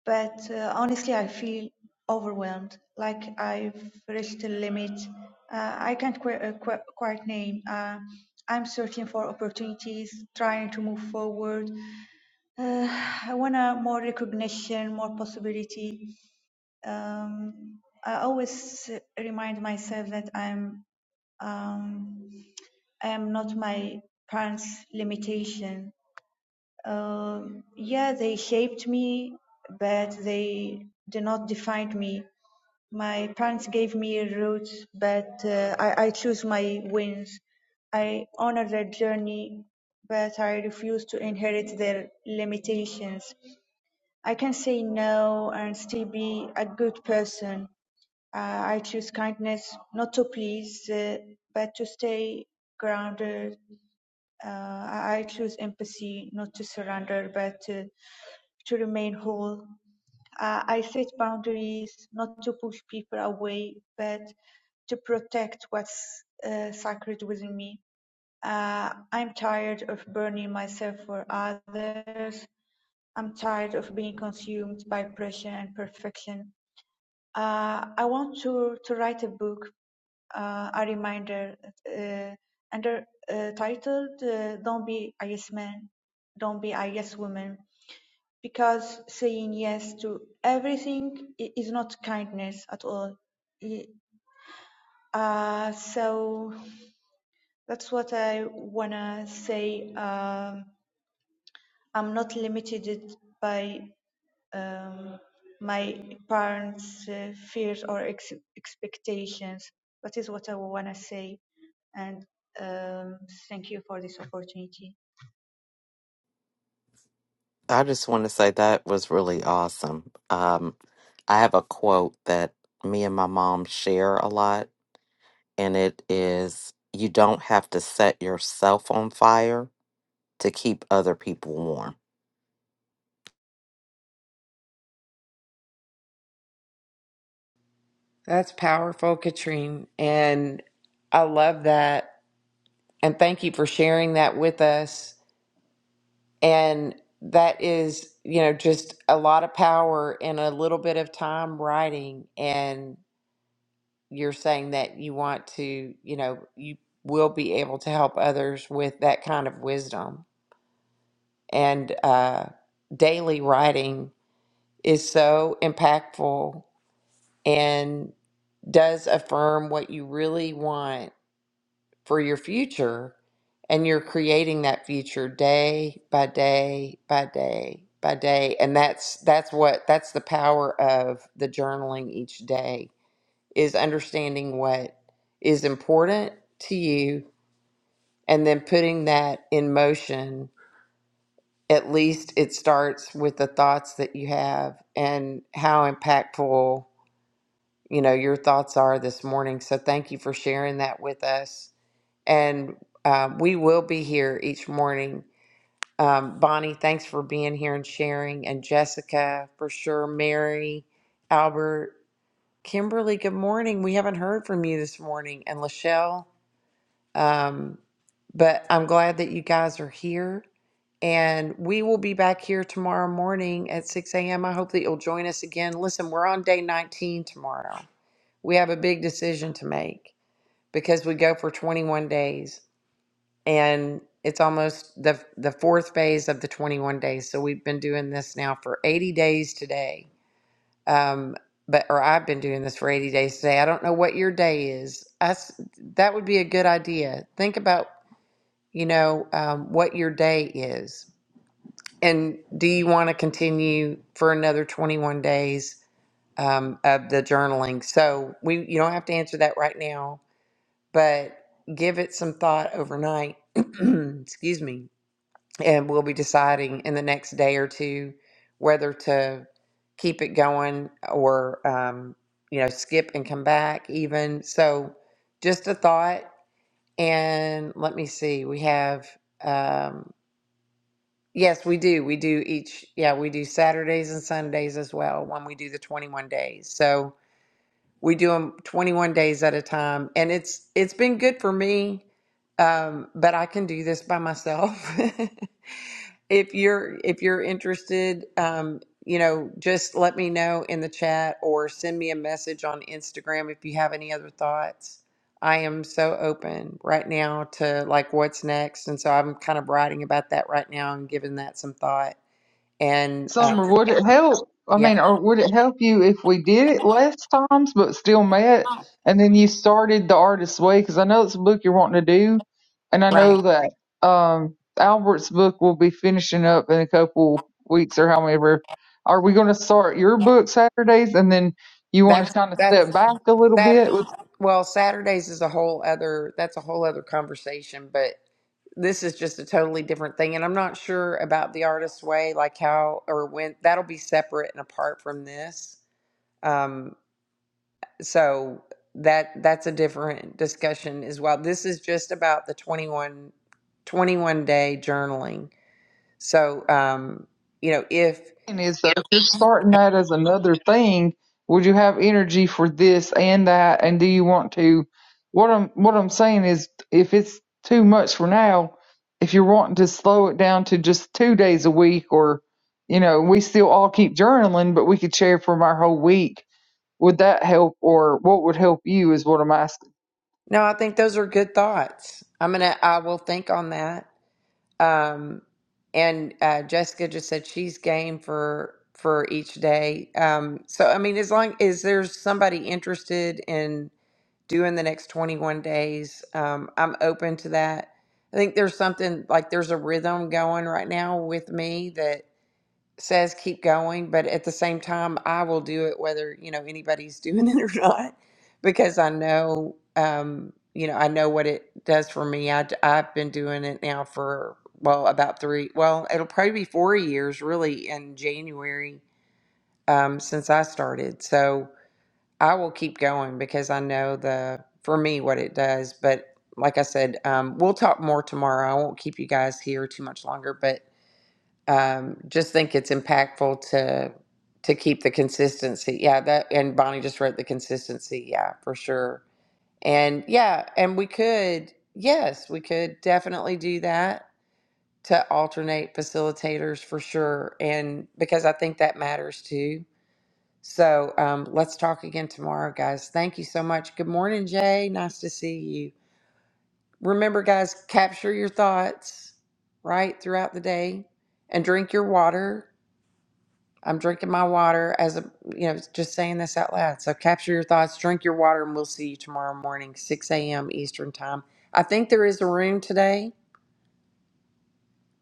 Speaker 7: but uh, honestly, I feel overwhelmed, like I've reached a limit. Uh, I can't qu- uh, qu- quite name. Uh, I'm searching for opportunities, trying to move forward. Uh, I want to more recognition, more possibility. Um, I always remind myself that I'm um, I am not my parents' limitation. Um, yeah, they shaped me, but they did not define me. My parents gave me roots, but uh, I, I choose my wins. I honor their journey, but I refuse to inherit their limitations. I can say no and still be a good person. Uh, I choose kindness, not to please, uh, but to stay grounded. Uh, I I choose empathy, not to surrender, but uh, to remain whole. Uh, I set boundaries not to push people away, but to protect what's uh, sacred within me. Uh, I'm tired of burning myself for others. I'm tired of being consumed by pressure and perfection. Uh, I want to, to write a book uh, a reminder uh, under uh, titled uh, "Don't be a yes man, don't be a yes woman." Because saying yes to everything i- is not kindness at all. Y- Uh, so that's what I wanna say. Um, I'm not limited by um, my parents' uh, fears or ex- expectations. That is what I wanna say. And um, thank you for this opportunity.
Speaker 2: I just want to say that was really awesome. Um, I have a quote that me and my mom share a lot, and it is You don't have to set yourself on fire to keep other people warm.
Speaker 1: That's powerful, Katrine. And I love that. And thank you for sharing that with us. And that is, you know, just a lot of power in a little bit of time writing. And you're saying that you want to, you know, you will be able to help others with that kind of wisdom and uh, daily writing is so impactful and does affirm what you really want for your future. And you're creating that future day by day by day by day. And that's that's what that's the power of the journaling each day is understanding what is important to you and then putting that in motion at least it starts with the thoughts that you have and how impactful you know your thoughts are this morning so thank you for sharing that with us and um, we will be here each morning um, bonnie thanks for being here and sharing and jessica for sure mary albert kimberly good morning we haven't heard from you this morning and lachelle um, but I'm glad that you guys are here. And we will be back here tomorrow morning at 6 a.m. I hope that you'll join us again. Listen, we're on day 19 tomorrow. We have a big decision to make because we go for 21 days and it's almost the, the fourth phase of the 21 days. So we've been doing this now for 80 days today. Um, but or I've been doing this for 80 days today. I don't know what your day is. I s that would be a good idea. Think about you know, um, what your day is. And do you want to continue for another 21 days um, of the journaling? So we, you don't have to answer that right now, but give it some thought overnight. Excuse me. And we'll be deciding in the next day or two whether to keep it going or, um, you know, skip and come back even. So just a thought. And let me see, we have. um, Yes, we do. We do each, yeah, we do Saturdays and Sundays as well when we do the 21 days. So we do them 21 days at a time and it's it's been good for me um, but i can do this by myself if you're if you're interested um, you know just let me know in the chat or send me a message on instagram if you have any other thoughts i am so open right now to like what's next and so i'm kind of writing about that right now and giving that some thought and uh,
Speaker 3: Summer,
Speaker 1: Sure.
Speaker 3: would it help? I
Speaker 1: yeah
Speaker 3: mean, or would it help you if we did it less times but still met? And then you started the artist's way because I know it's a book you're wanting to do, and I
Speaker 1: right
Speaker 3: know that um, Albert's book will be finishing up in a couple weeks or however. Are we going to start your book Saturdays and then you want to
Speaker 1: that's
Speaker 3: kind of
Speaker 1: that's
Speaker 3: step back a little
Speaker 1: Saturday,
Speaker 3: bit with
Speaker 1: well, Saturdays is a whole other, that's a whole other conversation, but this is just a totally different thing. And I'm not sure about the artist's way, like how or when that'll be separate and apart from this. Um, so that that's a different discussion as well. This is just about the 21 21 day journaling. So, um, you know, if,
Speaker 3: thing is though, if you're starting that as another thing, would you have energy for this and that? And do you want to? What I'm what I'm saying is, if it's too much for now, if you're wanting to slow it down to just two days a week, or you know, we still all keep journaling, but we could share from our whole week. Would that help, or what would help you? Is what I'm asking.
Speaker 1: no, I think those are good thoughts. I'm going to, I will think on that Um, and uh, Jessica just said she's game for for each day. Um, so I mean, as long as there's somebody interested in doing the next 21 days, um, I'm open to that. I think there's something like there's a rhythm going right now with me says keep going, but at the same time, I will do it whether, you know, anybody's doing it or not, because I know, um, you know, I know what it does for me. I, have been doing it now for, well, about three, well, it'll probably be four years really in January, um, since I started. So I will keep going because I know the, for me, what it does. But like I said, um, we'll talk more tomorrow. I won't keep you guys here too much longer, but um, just think it's impactful to to keep the consistency. Yeah, that and Bonnie just wrote the consistency. Yeah, for sure. And yeah, and we could yes, we could definitely do that to alternate facilitators for sure. And because I think that matters too. So um, let's talk again tomorrow, guys. Thank you so much. Good morning, Jay. Nice to see you. Remember, guys, capture your thoughts right throughout the day and drink your water I'm drinking my water as a, you know, just saying this out loud. So capture your thoughts, drink your water, and we'll see you tomorrow morning, 6 a.m. Eastern time. I think there is a room today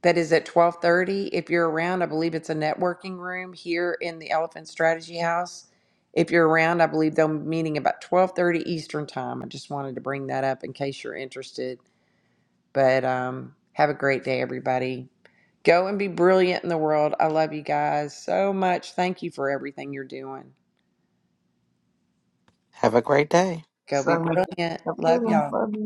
Speaker 1: that is at 12:30. If you're around, I believe it's a networking room here in the Elephant Strategy House. If you're around, I believe they're meeting about 12:30 Eastern time. I just wanted to bring that up in case you're interested. But um, have a great day, everybody. Go and be brilliant in the world. I love you guys so much. Thank you for everything you're doing.
Speaker 2: Have a great day.
Speaker 1: Go
Speaker 3: So
Speaker 1: be
Speaker 3: have
Speaker 1: brilliant.
Speaker 3: a good
Speaker 1: Love
Speaker 3: one.
Speaker 1: y'all.
Speaker 3: Love you.